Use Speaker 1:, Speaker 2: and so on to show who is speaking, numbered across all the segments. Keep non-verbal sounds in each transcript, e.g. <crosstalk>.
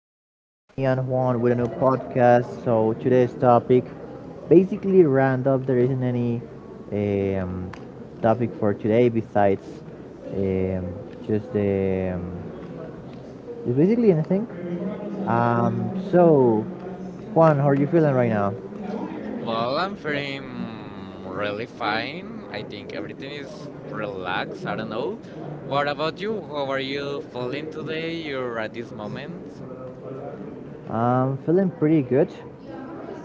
Speaker 1: we are, me and Juan with a new podcast. So today's topic, basically random. There isn't any um, topic for today besides um, just the just basically anything. So Juan, how are you feeling right now?
Speaker 2: Well, I'm feeling really fine. I think everything is relaxed. I don't know. What about you? How are you feeling today or at this moment?
Speaker 1: I'm feeling pretty good.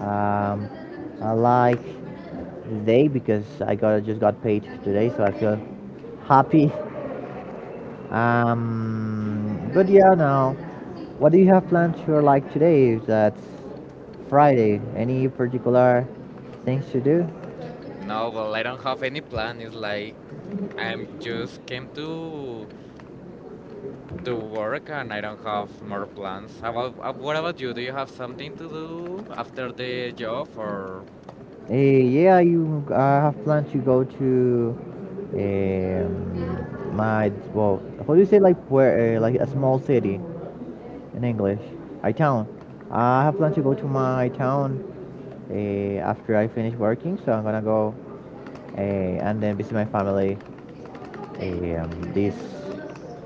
Speaker 1: Um, I like the day because I got just got paid today, so I feel happy <laughs> But yeah, now, what do you have plans for like today? That's Friday. Any particular things to do?
Speaker 2: No, well, I don't have any plan. It's like I'm just came to work and I don't have more plans. How about, what about you? Do you have something to do after the job or
Speaker 1: Yeah, you I have planned to go to my how do you say like where like a small city in English? A town. I have planned to go to my town after I finish working, so I'm gonna go and then visit my family this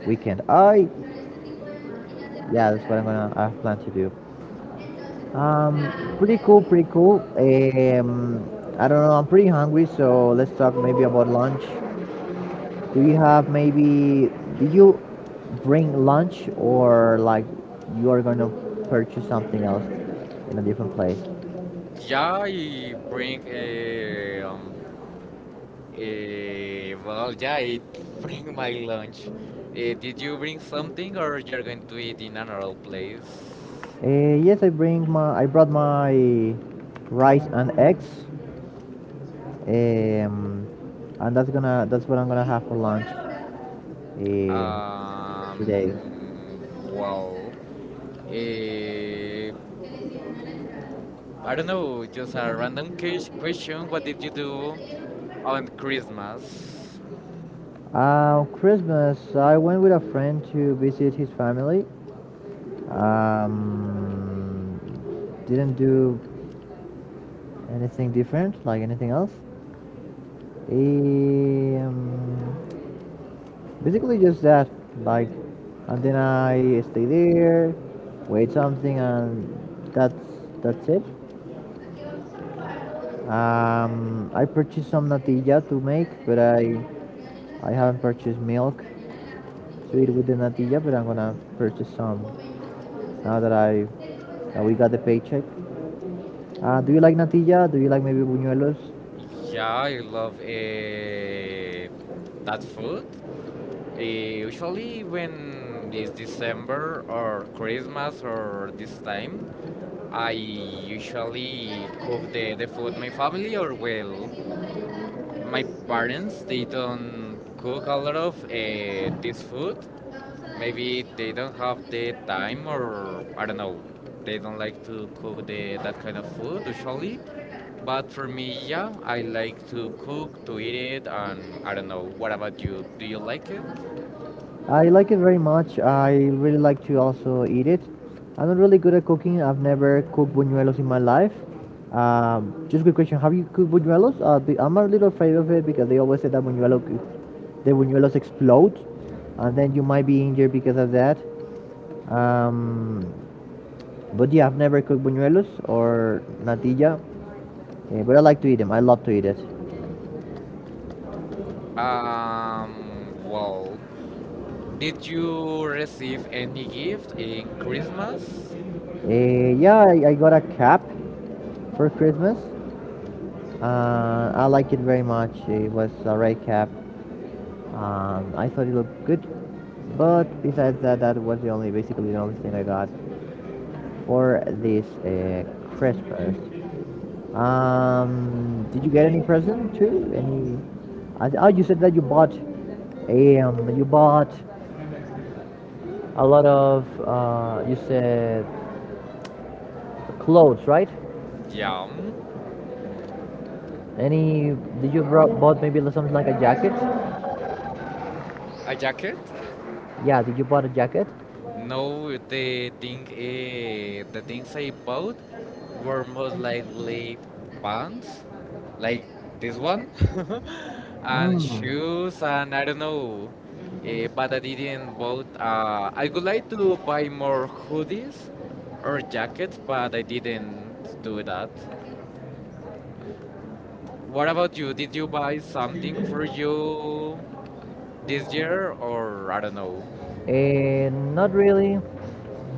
Speaker 1: weekend. I Yeah, that's what I have planned to do. Pretty cool, pretty cool. I don't know. I'm pretty hungry, so let's talk maybe about lunch. Do you have maybe? Did you bring lunch or like you are gonna purchase something else in a different place?
Speaker 2: yeah, I bring well, yeah, it <laughs> bring my lunch. Did you bring something, or you're going to eat in another place?
Speaker 1: Uh, yes, I bring my. I brought my rice and eggs. Um, and that's what I'm gonna have for lunch. Um,
Speaker 2: Um,
Speaker 1: Today?
Speaker 2: well, eh, I don't know. Just a random question. What did you do on Christmas?
Speaker 1: Christmas, I went with a friend to visit his family. Um, didn't do anything different, like anything else. Um, Basically, just that. Like, and then I stay there, wait something, and that's it. I purchased some natilla to make, but I haven't purchased milk to eat with the natilla. But I'm gonna purchase some now that I that we got the paycheck. Do you like natilla? Do you like maybe buñuelos?
Speaker 2: Yeah, I love that food. Usually, when it's December or Christmas or this time, I usually cook the food my family or well my parents they don't cook a lot of this food. Maybe they don't have the time or I don't know. They don't like to cook the that kind of food usually. But for me, yeah, I like to cook, to eat it, and I don't know. What about you? Do you like it?
Speaker 1: I like it very much. I really like to also eat it. I'm not really good at cooking. I've never cooked buñuelos in my life. Just a quick question: have you cooked buñuelos? I'm a little afraid of it because they always say that buñuelo, the buñuelos explode, and then you might be injured because of that. Um, but yeah, I've never cooked buñuelos or natilla, but I like to eat them. I love to eat it.
Speaker 2: Well, did you receive any gift in Christmas?
Speaker 1: Yeah, I got a cap for Christmas. I like it very much. It was a red cap. I thought it looked good, but besides that, that was the only, basically the only thing I got for this Christmas. Did you get any present too? Any? Oh, you said that you bought. You bought a lot of. You said clothes, right?
Speaker 2: Yeah.
Speaker 1: Any? Bought maybe something like a jacket?
Speaker 2: A jacket.
Speaker 1: Yeah. Did you bought a jacket?
Speaker 2: No, the things I bought were most likely pants, like this one, <laughs> and shoes, and I don't know. But I didn't bought. I would like to buy more hoodies or jackets, but I didn't do that. What about you? Did you buy something for you this year, or I don't know?
Speaker 1: Not really.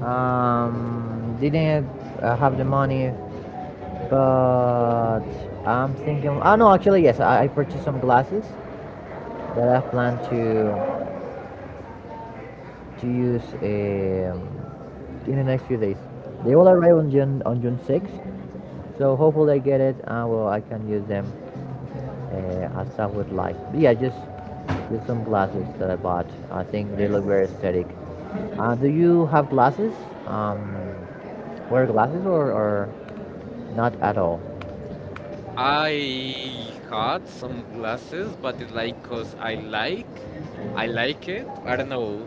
Speaker 1: Didn't have the money, but no, actually, yes. I purchased some glasses that I plan to use in the next few days. They will arrive on June 6th, so hopefully I get it. I can use them as I would like. But yeah, just some glasses that I bought. I think they look very aesthetic. Do you have glasses? Um, Wear glasses or, not at all?
Speaker 2: I had some glasses, but it's like cause I like it. I don't know.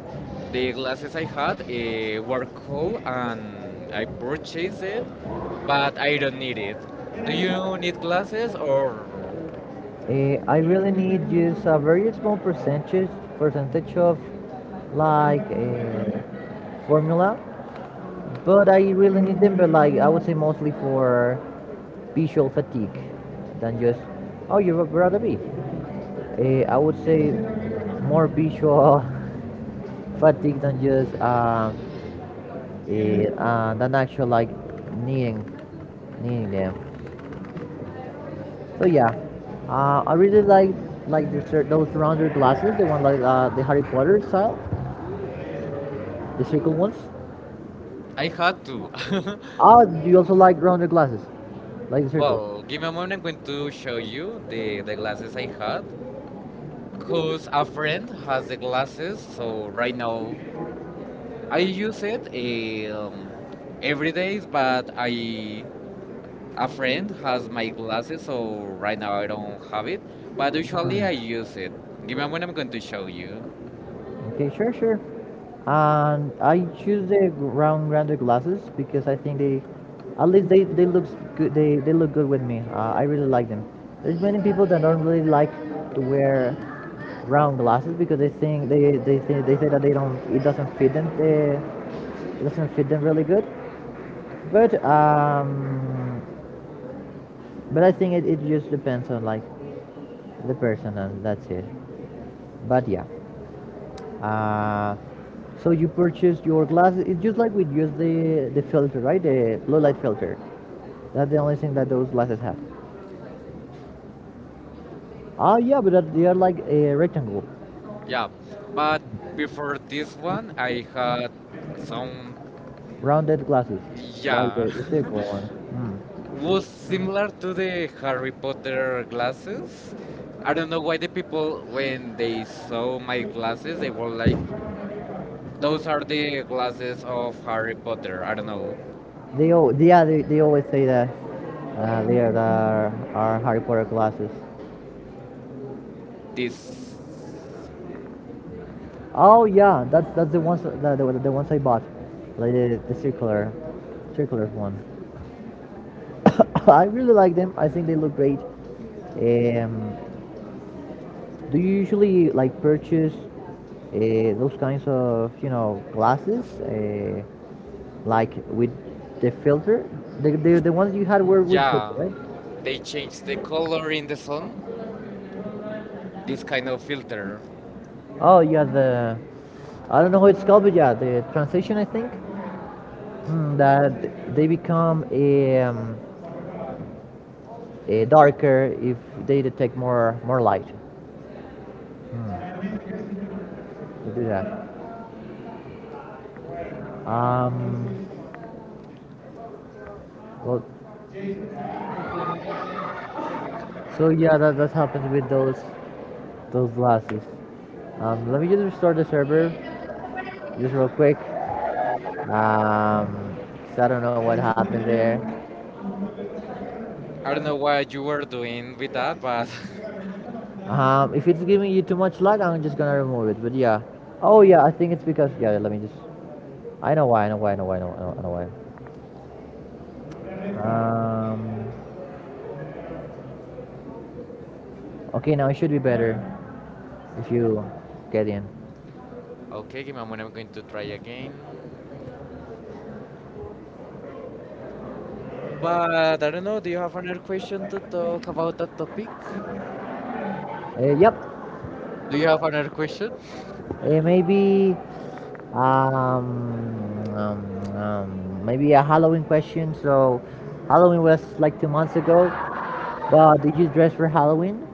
Speaker 2: The glasses I had were cool, and I purchased it, but I don't need it. Do you need glasses or?
Speaker 1: I really need just a very small percentage of like formula. But I really need them, but like I would say mostly for visual fatigue than just oh you're a brother B. I would say more visual <laughs> fatigue than just than actual like needing needing them. So yeah, I really like the, those rounder glasses, the one like the Harry Potter style, the circle ones.
Speaker 2: I had to. <laughs>
Speaker 1: Oh, do you also like rounded glasses? Like the circle?
Speaker 2: Well, give me a moment. I'm going to show you the glasses I had, cause a friend has the glasses. So right now I use it um, every day, but I a friend has my glasses, so right now I don't have it. But usually I use it. Give me a moment, I'm going to show you.
Speaker 1: Okay, sure, sure. And I choose the rounded glasses because I think they, at least they look good. They look good with me. I really like them. There's many people that don't really like to wear round glasses because they think they say that they don't it doesn't fit them. They, it doesn't fit them really good. But um, but I think it just depends on like the person and that's it. But yeah. Uh, So you purchase your glasses. It's just like we use the filter, right? The blue light filter. That's the only thing that those glasses have. Ah, yeah, but that, they are like a rectangle,
Speaker 2: Yeah, but before this one, I had some.
Speaker 1: rounded glasses, yeah, like
Speaker 2: Yeah.
Speaker 1: the circular one. Mm.
Speaker 2: <laughs> Was similar to the Harry Potter glasses. I don't know why the people when they saw my glasses, they were like, "Those are the glasses of Harry Potter." I don't know.
Speaker 1: Yeah, they always say that they are Harry Potter glasses.
Speaker 2: This.
Speaker 1: Oh yeah, that's the ones the ones I bought, like circular one. <laughs> <coughs> I really like them. I think they look great. Um, do you usually like purchase those kinds of glasses, like with the filter? The ones you had were with filter,
Speaker 2: Yeah,
Speaker 1: right?
Speaker 2: they change the color in the sun. This kind of filter.
Speaker 1: Oh, you had the I don't know how it's called, but yeah, the transition I think mm, that they become darker if they detect more light. Hmm, to do that. Um, well, So yeah, that happens with those losses. Let me just restore the server, just real quick. Um, 'Cause I don't know what happened there.
Speaker 2: I don't know what you were doing with that, but
Speaker 1: If it's giving you too much lag, I'm just gonna remove it. But yeah. Oh yeah, I think it's because yeah. Let me just. I know why. I know why. I know why. I know. I know why. Um. Okay, now it should be better if you get in.
Speaker 2: <laughs> okay, give me a moment. I'm going to try again, but I don't know. Do you have another question to talk about that topic?
Speaker 1: Yep.
Speaker 2: Do you have another question?
Speaker 1: Maybe, maybe a Halloween question. So, Halloween was like 2 months ago. But did you dress for Halloween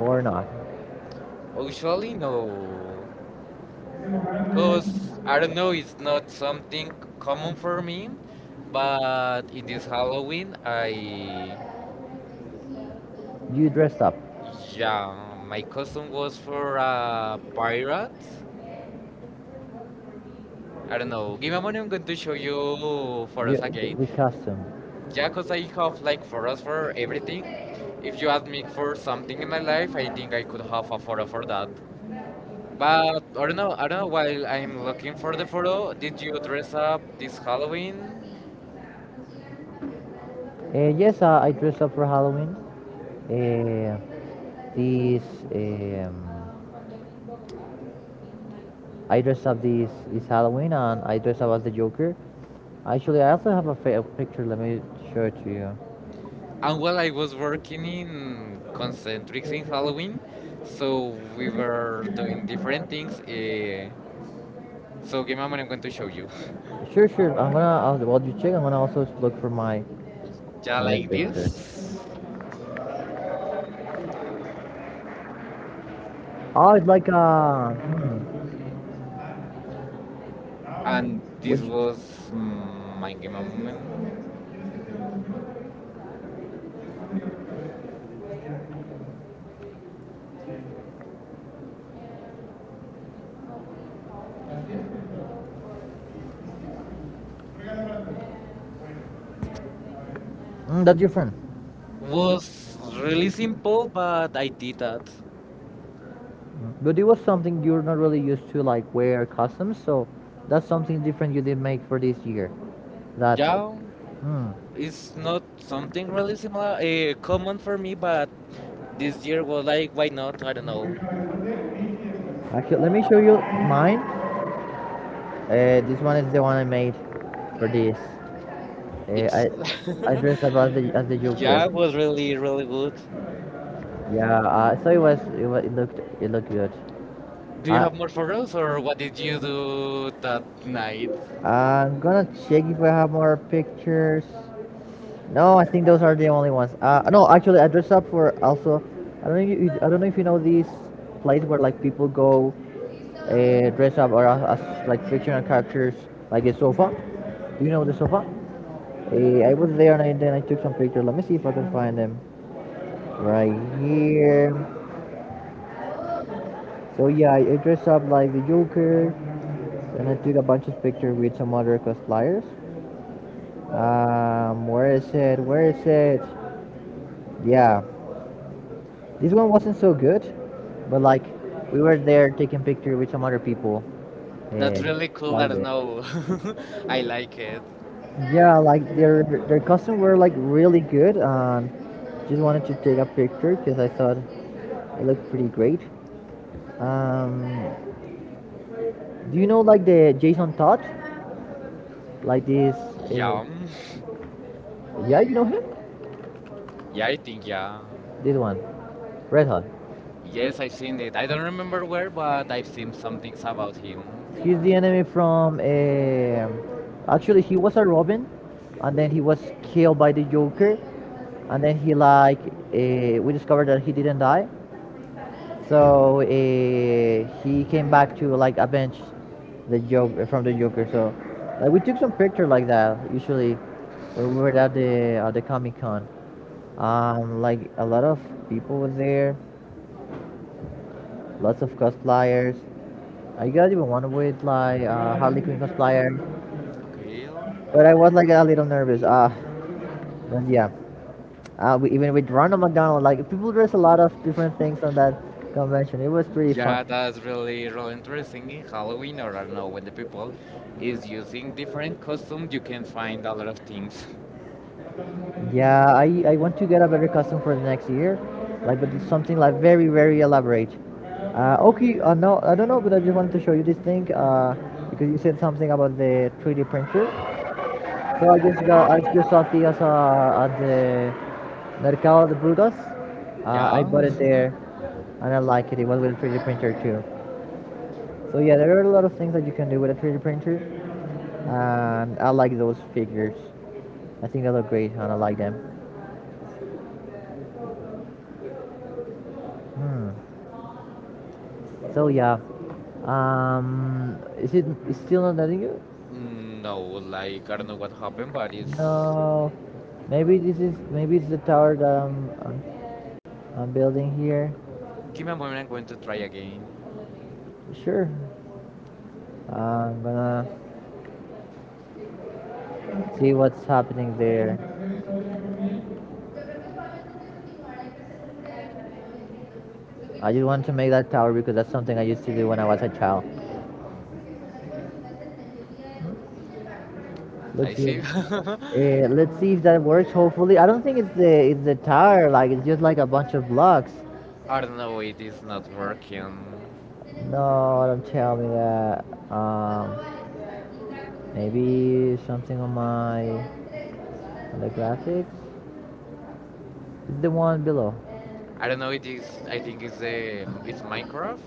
Speaker 1: or not?
Speaker 2: Usually no, because I don't know, it's not something common for me, but in this Halloween I.
Speaker 1: You dressed up.
Speaker 2: Yeah, my costume was for a pirate.
Speaker 1: I
Speaker 2: I don't know. Give me a
Speaker 1: do
Speaker 2: moment, I'm going to show you for us again.
Speaker 1: the costume.
Speaker 2: Yeah, because I have like photos for everything. If you ask me for something in my life, I think I could have a photo for that. But I don't know, while I'm looking for the photo, did you dress up this Halloween?
Speaker 1: Yes, I dressed up for Halloween. Uh, this. Um, I dress up this this Halloween and I dress up as the Joker. Actually, I also have a picture. Let me show it to you.
Speaker 2: And well, I was working in Concentrics in Halloween, so we were doing different things. So give me a moment, I'm going to show you.
Speaker 1: Sure, sure. I'll, while you check, I'm gonna also look for
Speaker 2: Yeah,
Speaker 1: my
Speaker 2: like
Speaker 1: picture.
Speaker 2: this.
Speaker 1: Oh, it's like a hmm,
Speaker 2: And this was my game moment.
Speaker 1: mm, that's different.
Speaker 2: Was really simple, but I did that.
Speaker 1: But it was something you're not really used to, like wear costumes. So that's something different you did make for this year. That.
Speaker 2: Yeah,
Speaker 1: Hmm.
Speaker 2: it's not something really similar, common for me, but this year was like, why not? I don't know.
Speaker 1: Actually, let me show you mine. This one is the one I made for this. Eh, I
Speaker 2: It's
Speaker 1: I dressed up as the
Speaker 2: <laughs> yeah,
Speaker 1: Joker.
Speaker 2: it was really really good.
Speaker 1: Yeah, so it looked good. Do
Speaker 2: Do you
Speaker 1: I
Speaker 2: have more for us, or what did you do that night?
Speaker 1: I'm gonna check if I have more pictures. No, I think those are the only ones. No, actually, I dressed up for also. I don't know. If you, I don't know if you know this place where like people go, dress up or as like fictional characters, like a sofa. Do you know the sofa? I was there and then I took some pictures. Let me see if I can find them. Right here. So yeah, I dressed up like the Joker, and I took a bunch of pictures with some other cosplayers. Where is it? Where is it? Yeah, this one wasn't so good, but like we were there taking pictures with some other people.
Speaker 2: That's
Speaker 1: And
Speaker 2: really cool. I
Speaker 1: like,
Speaker 2: don't know. <laughs> I like it.
Speaker 1: yeah, like their costumes were like really good, and just wanted to take a picture because I thought it looked pretty great. Um, do you know like the Jason Todd? Like this? Uh,
Speaker 2: Yeah,
Speaker 1: yeah, you know him?
Speaker 2: yeah, I think yeah.
Speaker 1: This one, Red Hot.
Speaker 2: Yes, I've seen it. I don't remember where, but I've seen some things about him.
Speaker 1: He's the enemy from. Actually, he was a Robin, and then he was killed by the Joker, and then he like we discovered that he didn't die, so he came back to like avenge the Joker. So like we took some picture like that usually when we were at the Comic Con. Like a lot of people were there, lots of cosplayers. I got even one with like Harley Quinn cosplayer,
Speaker 2: Okay.
Speaker 1: but I was like a little nervous. But yeah, we, even with Ronald McDonald, like people dress a lot of different things on that convention. It was pretty fun.
Speaker 2: Yeah, that's really, really interesting in Halloween, or I don't know, when the people is using different costumes, you can find a lot of things. <laughs>
Speaker 1: Yeah, I want to get a better costume for the next year, like but it's something like very elaborate. Okay, no, I don't know, but I just wanted to show you this thing because you said something about the 3D printer. So I just got I used something else at the Mercado de Burgos. I bought
Speaker 2: Yeah.
Speaker 1: it
Speaker 2: <laughs>
Speaker 1: there and I like it. It was with a 3D printer too. So yeah, there are a lot of things that you can do with a 3D printer and I like those figures. I think they look great and I like them. Hmm. So yeah, is it is still not letting you?
Speaker 2: No, like, I don't know what happened, but it's.
Speaker 1: No, maybe this is maybe it's the tower that I'm building here.
Speaker 2: Give me a moment, I'm going to try again.
Speaker 1: Sure, I'm gonna see what's happening there. I just want to make that tower because that's something I used to do when I was a child.
Speaker 2: I
Speaker 1: Looks like.
Speaker 2: see. <laughs>
Speaker 1: Let's see if that works. Hopefully, I don't think it's the tower. Like it's just like a bunch of blocks.
Speaker 2: I don't know, it is not working.
Speaker 1: No, don't tell me that. Um, Maybe something on my on the graphics. It's the one below.
Speaker 2: I don't know, it is. I think it's Minecraft.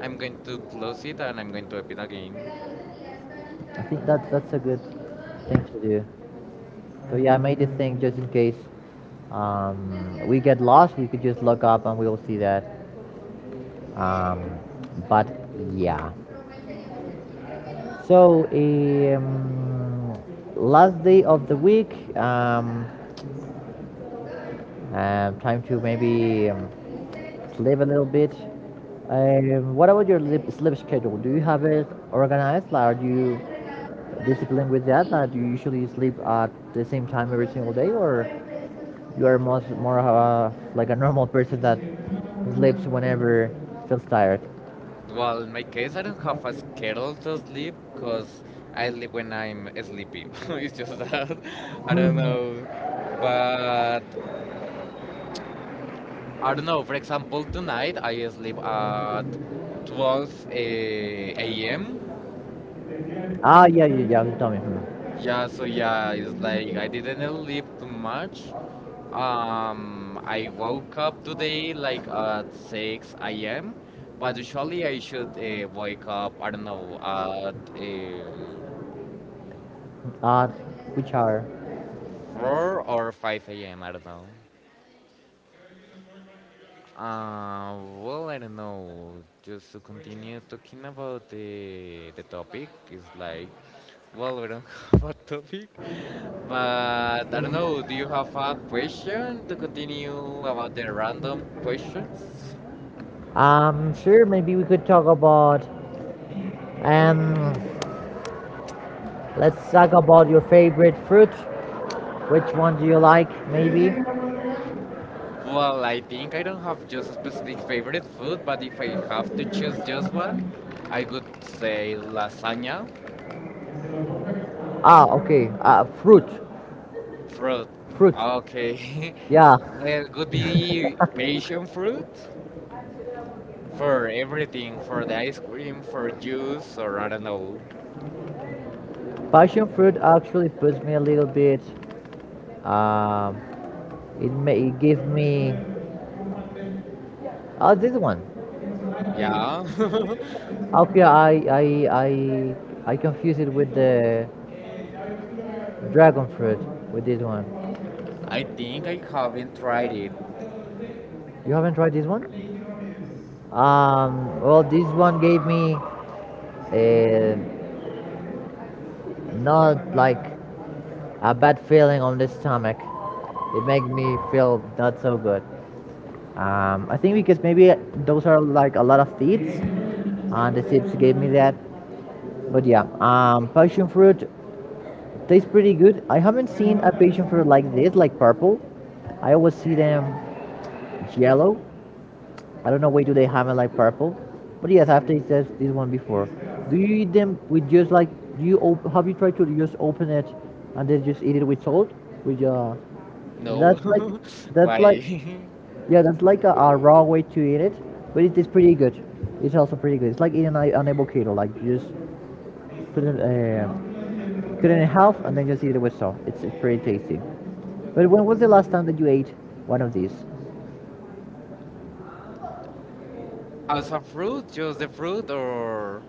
Speaker 2: I'm going to close it and I'm going to open it again.
Speaker 1: I think that's a good thing to do. So yeah, I made this thing just in case we get lost. We could just look up and we will see that. Um, but yeah. So, last day of the week. Time to maybe sleep a little bit. What about your sleep schedule? Do you have it organized? Like, are you disciplined with that? Like, do you usually sleep at the same time every single day, or you are most more of a, like a normal person that sleeps whenever feels tired?
Speaker 2: Well, in my case, I don't have a schedule to sleep because I sleep when I'm sleepy. <laughs> It's just that. <laughs> I don't
Speaker 1: <laughs>
Speaker 2: know. But I don't know. For example, tonight I sleep at 12 a.m.
Speaker 1: Ah, yeah, yeah, yeah, tell me. Hmm.
Speaker 2: Yeah, so yeah, it's like I didn't sleep too much. I woke up today like at 6 a.m. But usually I should wake up, I don't know, at.
Speaker 1: Uh, which are?
Speaker 2: 4 or 5 a.m. I don't know. Well, I don't know. Just to continue talking about the topic is like, well, we don't <laughs> have a topic, but I don't know. Do you have a question to continue about the random questions?
Speaker 1: Sure, maybe we could talk about. Um, let's talk about your favorite fruit. Which one do you like, maybe?
Speaker 2: Well, I think I don't have just a specific favorite food, but if I have to choose just one, I could say lasagna.
Speaker 1: Ah, okay. Fruit.
Speaker 2: Fruit.
Speaker 1: Fruit.
Speaker 2: Okay. <laughs>
Speaker 1: Yeah,
Speaker 2: Well, it could be passion fruit for everything, for the ice cream, for juice, or I don't know.
Speaker 1: passion fruit actually puts me a little bit. Um, it may it give me. Oh, this one.
Speaker 2: Yeah. <laughs>
Speaker 1: Okay, I I confuse it with the dragon fruit with this one.
Speaker 2: I think I haven't tried it.
Speaker 1: You haven't tried this one? Well, this one gave me uh, not like a bad feeling on the stomach. It made me feel not so good. I think because maybe those are like a lot of seeds, and the seeds gave me that. But yeah, passion fruit tastes pretty good. I haven't seen a passion fruit like this, like purple. I always see them yellow. I don't know why do they have it like purple, but yes, I've tasted this one before. Do you eat them with just like do you have you tried to just open it and then just eat it with salt? With
Speaker 2: No,
Speaker 1: that's like
Speaker 2: <laughs>
Speaker 1: that's like
Speaker 2: why?
Speaker 1: yeah, that's like a raw way to eat it, but it is pretty good. It's also pretty good. It's like eating a, an avocado, like you just put it cut it in half and then just eat it with salt. It's pretty tasty. But when was the last time that you ate one of these?
Speaker 2: <laughs> As a fruit, just the fruit, or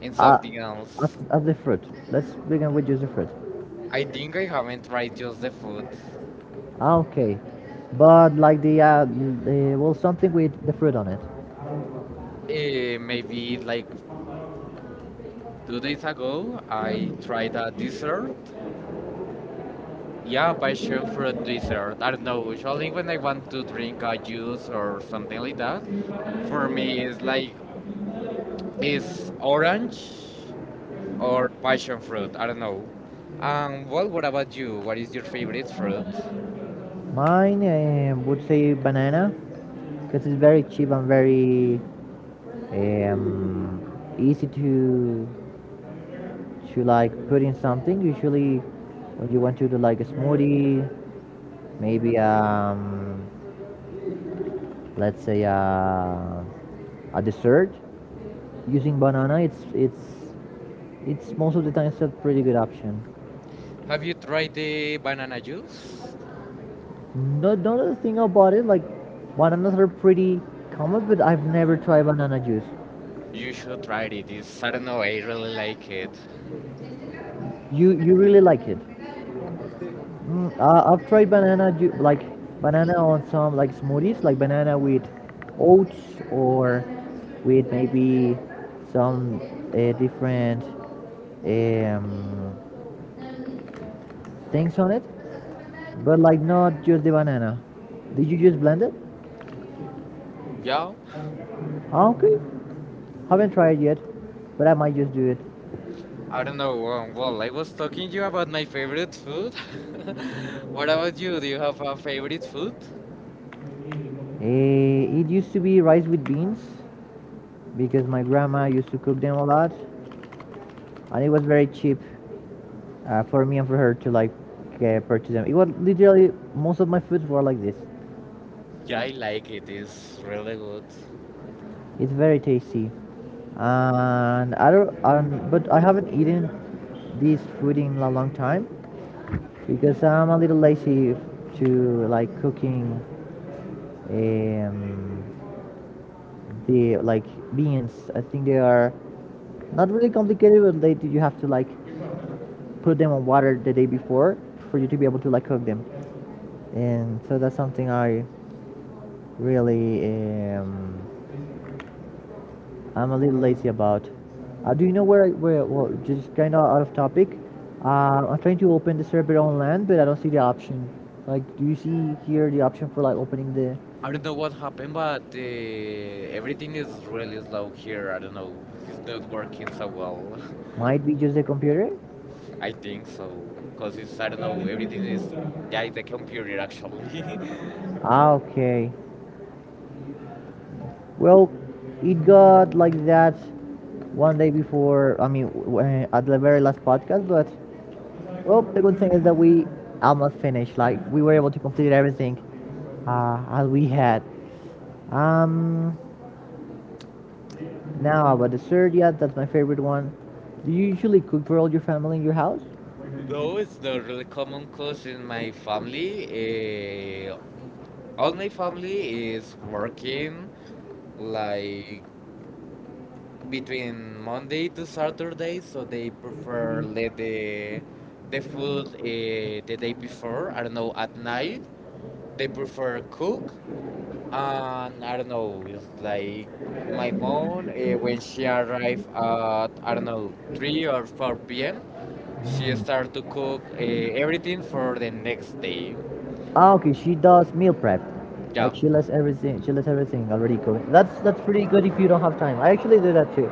Speaker 2: in
Speaker 1: Uh,
Speaker 2: something else?
Speaker 1: of the fruit. Let's begin with just the fruit.
Speaker 2: I think I haven't tried just the food.
Speaker 1: Ah, okay, but like the well something with the fruit on it.
Speaker 2: Maybe like 2 days ago, I tried a dessert. Yeah, passion fruit dessert. I don't know. Usually, when I want to drink a juice or something like that, for me it's like it's orange or passion fruit. I don't know. Well, what about you? What is your favorite fruit?
Speaker 1: Mine would say banana because it's very cheap and very um, easy to like put in something. Usually, when you want to do like a smoothie, maybe let's say a dessert using banana, it's most of the times a pretty good option.
Speaker 2: Have you tried the banana juice?
Speaker 1: No, another thing about it. Like bananas are pretty common, but I've never tried banana juice.
Speaker 2: You should try it. It's, I don't know. I really like it.
Speaker 1: You really like it? Mm, I've tried like banana on some like smoothies, like banana with oats or with maybe some different um, things on it, but like not just the banana. Did you just blend it?
Speaker 2: Yeah,
Speaker 1: Ah, okay, haven't tried yet, but I might just do it.
Speaker 2: I don't know. Well, I was talking to you about my favorite food. <laughs> What about you? Do you have a favorite food?
Speaker 1: Eh, it used to be rice with beans because my grandma used to cook them a lot, and it was very cheap for me and for her to like purchase them. It was literally most of my foods were like this.
Speaker 2: Yeah, I like it. It's really good.
Speaker 1: It's very tasty, and I don't. But I haven't eaten this food in a long time because I'm a little lazy to like cooking. Um, the like beans. I think they are not really complicated, but they you have to like put them on water the day before for you to be able to like cook them. And so that's something I really um, I'm a little lazy about. Do you know where well just kind of out of topic? I'm trying to open the server on land, but I don't see the option. Like, do you see here the option for like opening the?
Speaker 2: I don't know what happened, but everything is really slow here. I don't know. It's not working so well.
Speaker 1: Might be just the computer.
Speaker 2: <laughs> I think so. Because it's, I don't know, everything is. Yeah, it's a computer actually.
Speaker 1: Ah, okay. Well, it got like that one day before. I mean, at the very last podcast, but well, the good thing is that we almost finished. Like we were able to complete everything as we had. Um, Now about dessert, yeah, that's my favorite one. Do you usually cook for all your family in your house?
Speaker 2: <laughs> Though it's not really common because in my family, uh, all my family is working like between Monday to Saturday, so they prefer let the food the day before. I don't know at night they prefer cook, and I don't know it's like my mom when she arrived at I don't know three or four p.m. She start to cook everything for the next day.
Speaker 1: Ah, okay, she does meal prep.
Speaker 2: Yeah,
Speaker 1: Like she lets everything already cooked. That's pretty good if you don't have time. I actually do that too.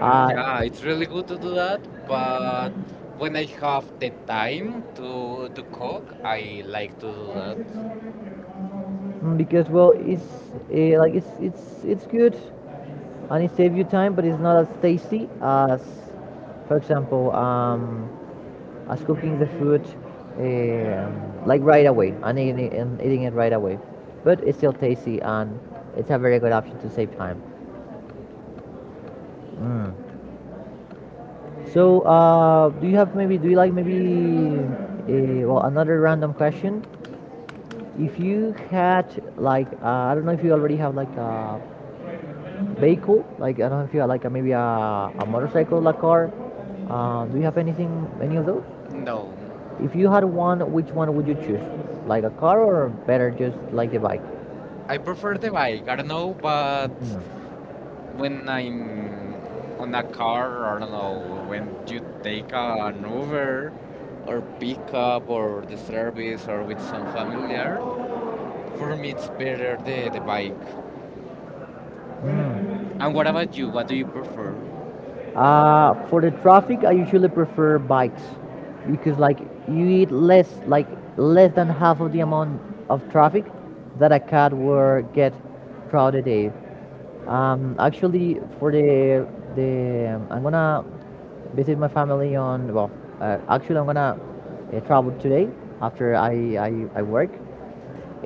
Speaker 1: Uh,
Speaker 2: yeah, it's really good to do that, but when I have the time to cook, I like to do that.
Speaker 1: uh, Mm, because well it's like it's good and it saves you time but it's not as tasty as for example as cooking the food um, like right away and eating it right away but it's still tasty and it's a very good option to save time, mm. So do you have maybe do you like maybe well another random question if you had like I don't know if you already have like a vehicle? Like I don't know if you have like a, maybe a motorcycle, a car. Do you have anything, any of those?
Speaker 2: No,
Speaker 1: If you had one, which one would you choose? Like a car or better just like the bike?
Speaker 2: I prefer the bike. I don't know, but when I'm on a car, I don't know, when you take an Uber or pickup or the service or with some familiar, for me it's better the bike.
Speaker 1: Mm.
Speaker 2: And what about you? What do you prefer?
Speaker 1: For the traffic, I usually prefer bikes because like you eat less, like less than half of the amount of traffic that a cat would get throughout the day. Actually, for the I'm gonna visit my family on well, actually I'm gonna travel today after I work.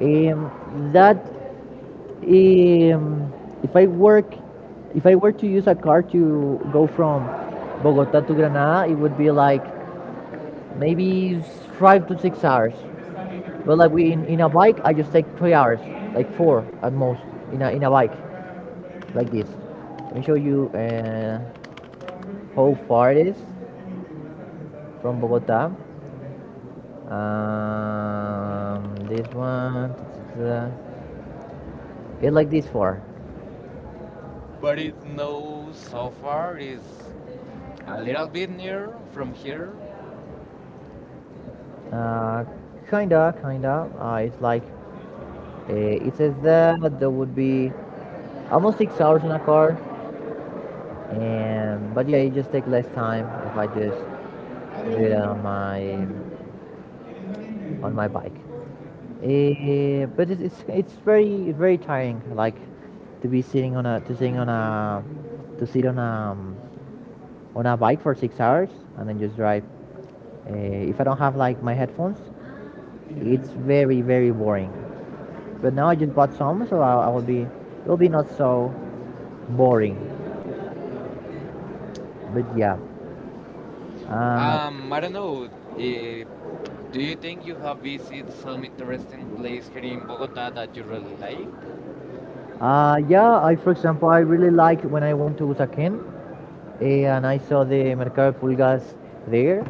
Speaker 1: Um, that um, if I work, if I were to use a car to go from Bogota to Granada, it would be like maybe 5 to 6 hours. But like we in a bike, I just take 3 hours, like 4 at most in a bike like this. Let me show you how far it is from Bogota. This one, it's like this far.
Speaker 2: But it's no so far, is a little bit near from here.
Speaker 1: Uh, Kinda, kinda. It's like it says that there would be almost 6 hours in a car, and but yeah, it just takes less time if I just do it on my bike. Eh, but it's very very tiring, like to be sit on a bike for 6 hours and then just drive. Uh, if I don't have like my headphones, it's very very boring. But now I just bought some, so I will be it will be not so boring. But yeah, uh,
Speaker 2: I don't know. eh, do you think you have visited some interesting place here in Bogota that you really like?
Speaker 1: yeah. I for example I really liked when I went to Usaquén and I saw the Mercado de Pulgas there.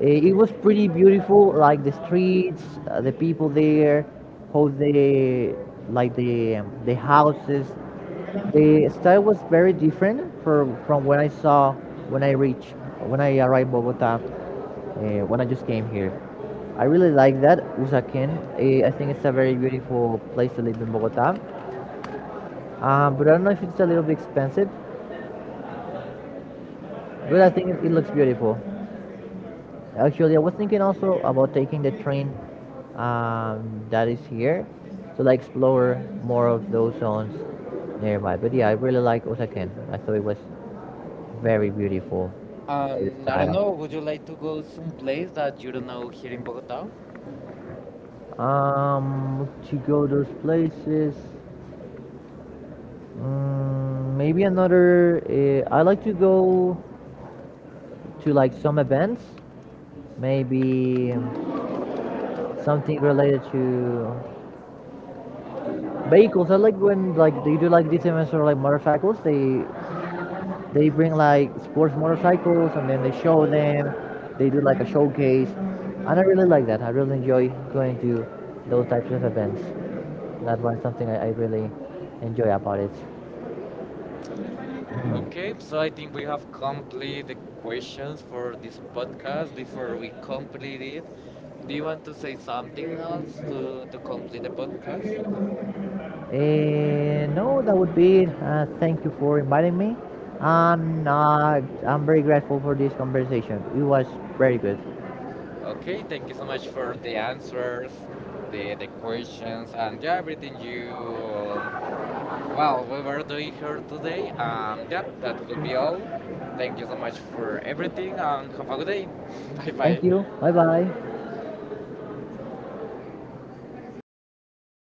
Speaker 1: Eh, it was pretty beautiful, like the streets, the people there, how they like the houses. The style was very different from when I saw when I reached when I arrived Bogota, when I just came here. I really like that Usaquén. I think it's a very beautiful place to live in Bogota, but I don't know if it's a little bit expensive, but I think it, it looks beautiful. Actually, I was thinking also about taking the train that is here to like explore more of those zones nearby. But yeah, I really like Osaken. I thought it was very beautiful, like the
Speaker 2: I don't know.
Speaker 1: style.
Speaker 2: Would you like to go some place that you don't know here in Bogota?
Speaker 1: To go those places, mm, maybe another. I like to go to like some events, maybe something related to vehicles. I like when like they do like these events or like motorcycles. They bring like sports motorcycles and then they show them. They do like a showcase, and I really like that. I really enjoy going to those types of events. That was something I really enjoy about it.
Speaker 2: Okay, so I think we have completed the questions for this podcast. Before we complete it, do you want to say something else to complete the podcast?
Speaker 1: Eh, no, that would be it. Thank you for inviting me, and I'm very grateful for this conversation. It was very good.
Speaker 2: Okay, thank you so much for the answers, the questions, and yeah, everything you, um, well, we were doing here today. Yep, that could be all. Thank you so much for everything, and have a good day. <laughs> Bye
Speaker 1: Thank
Speaker 2: bye.
Speaker 1: you. Bye bye.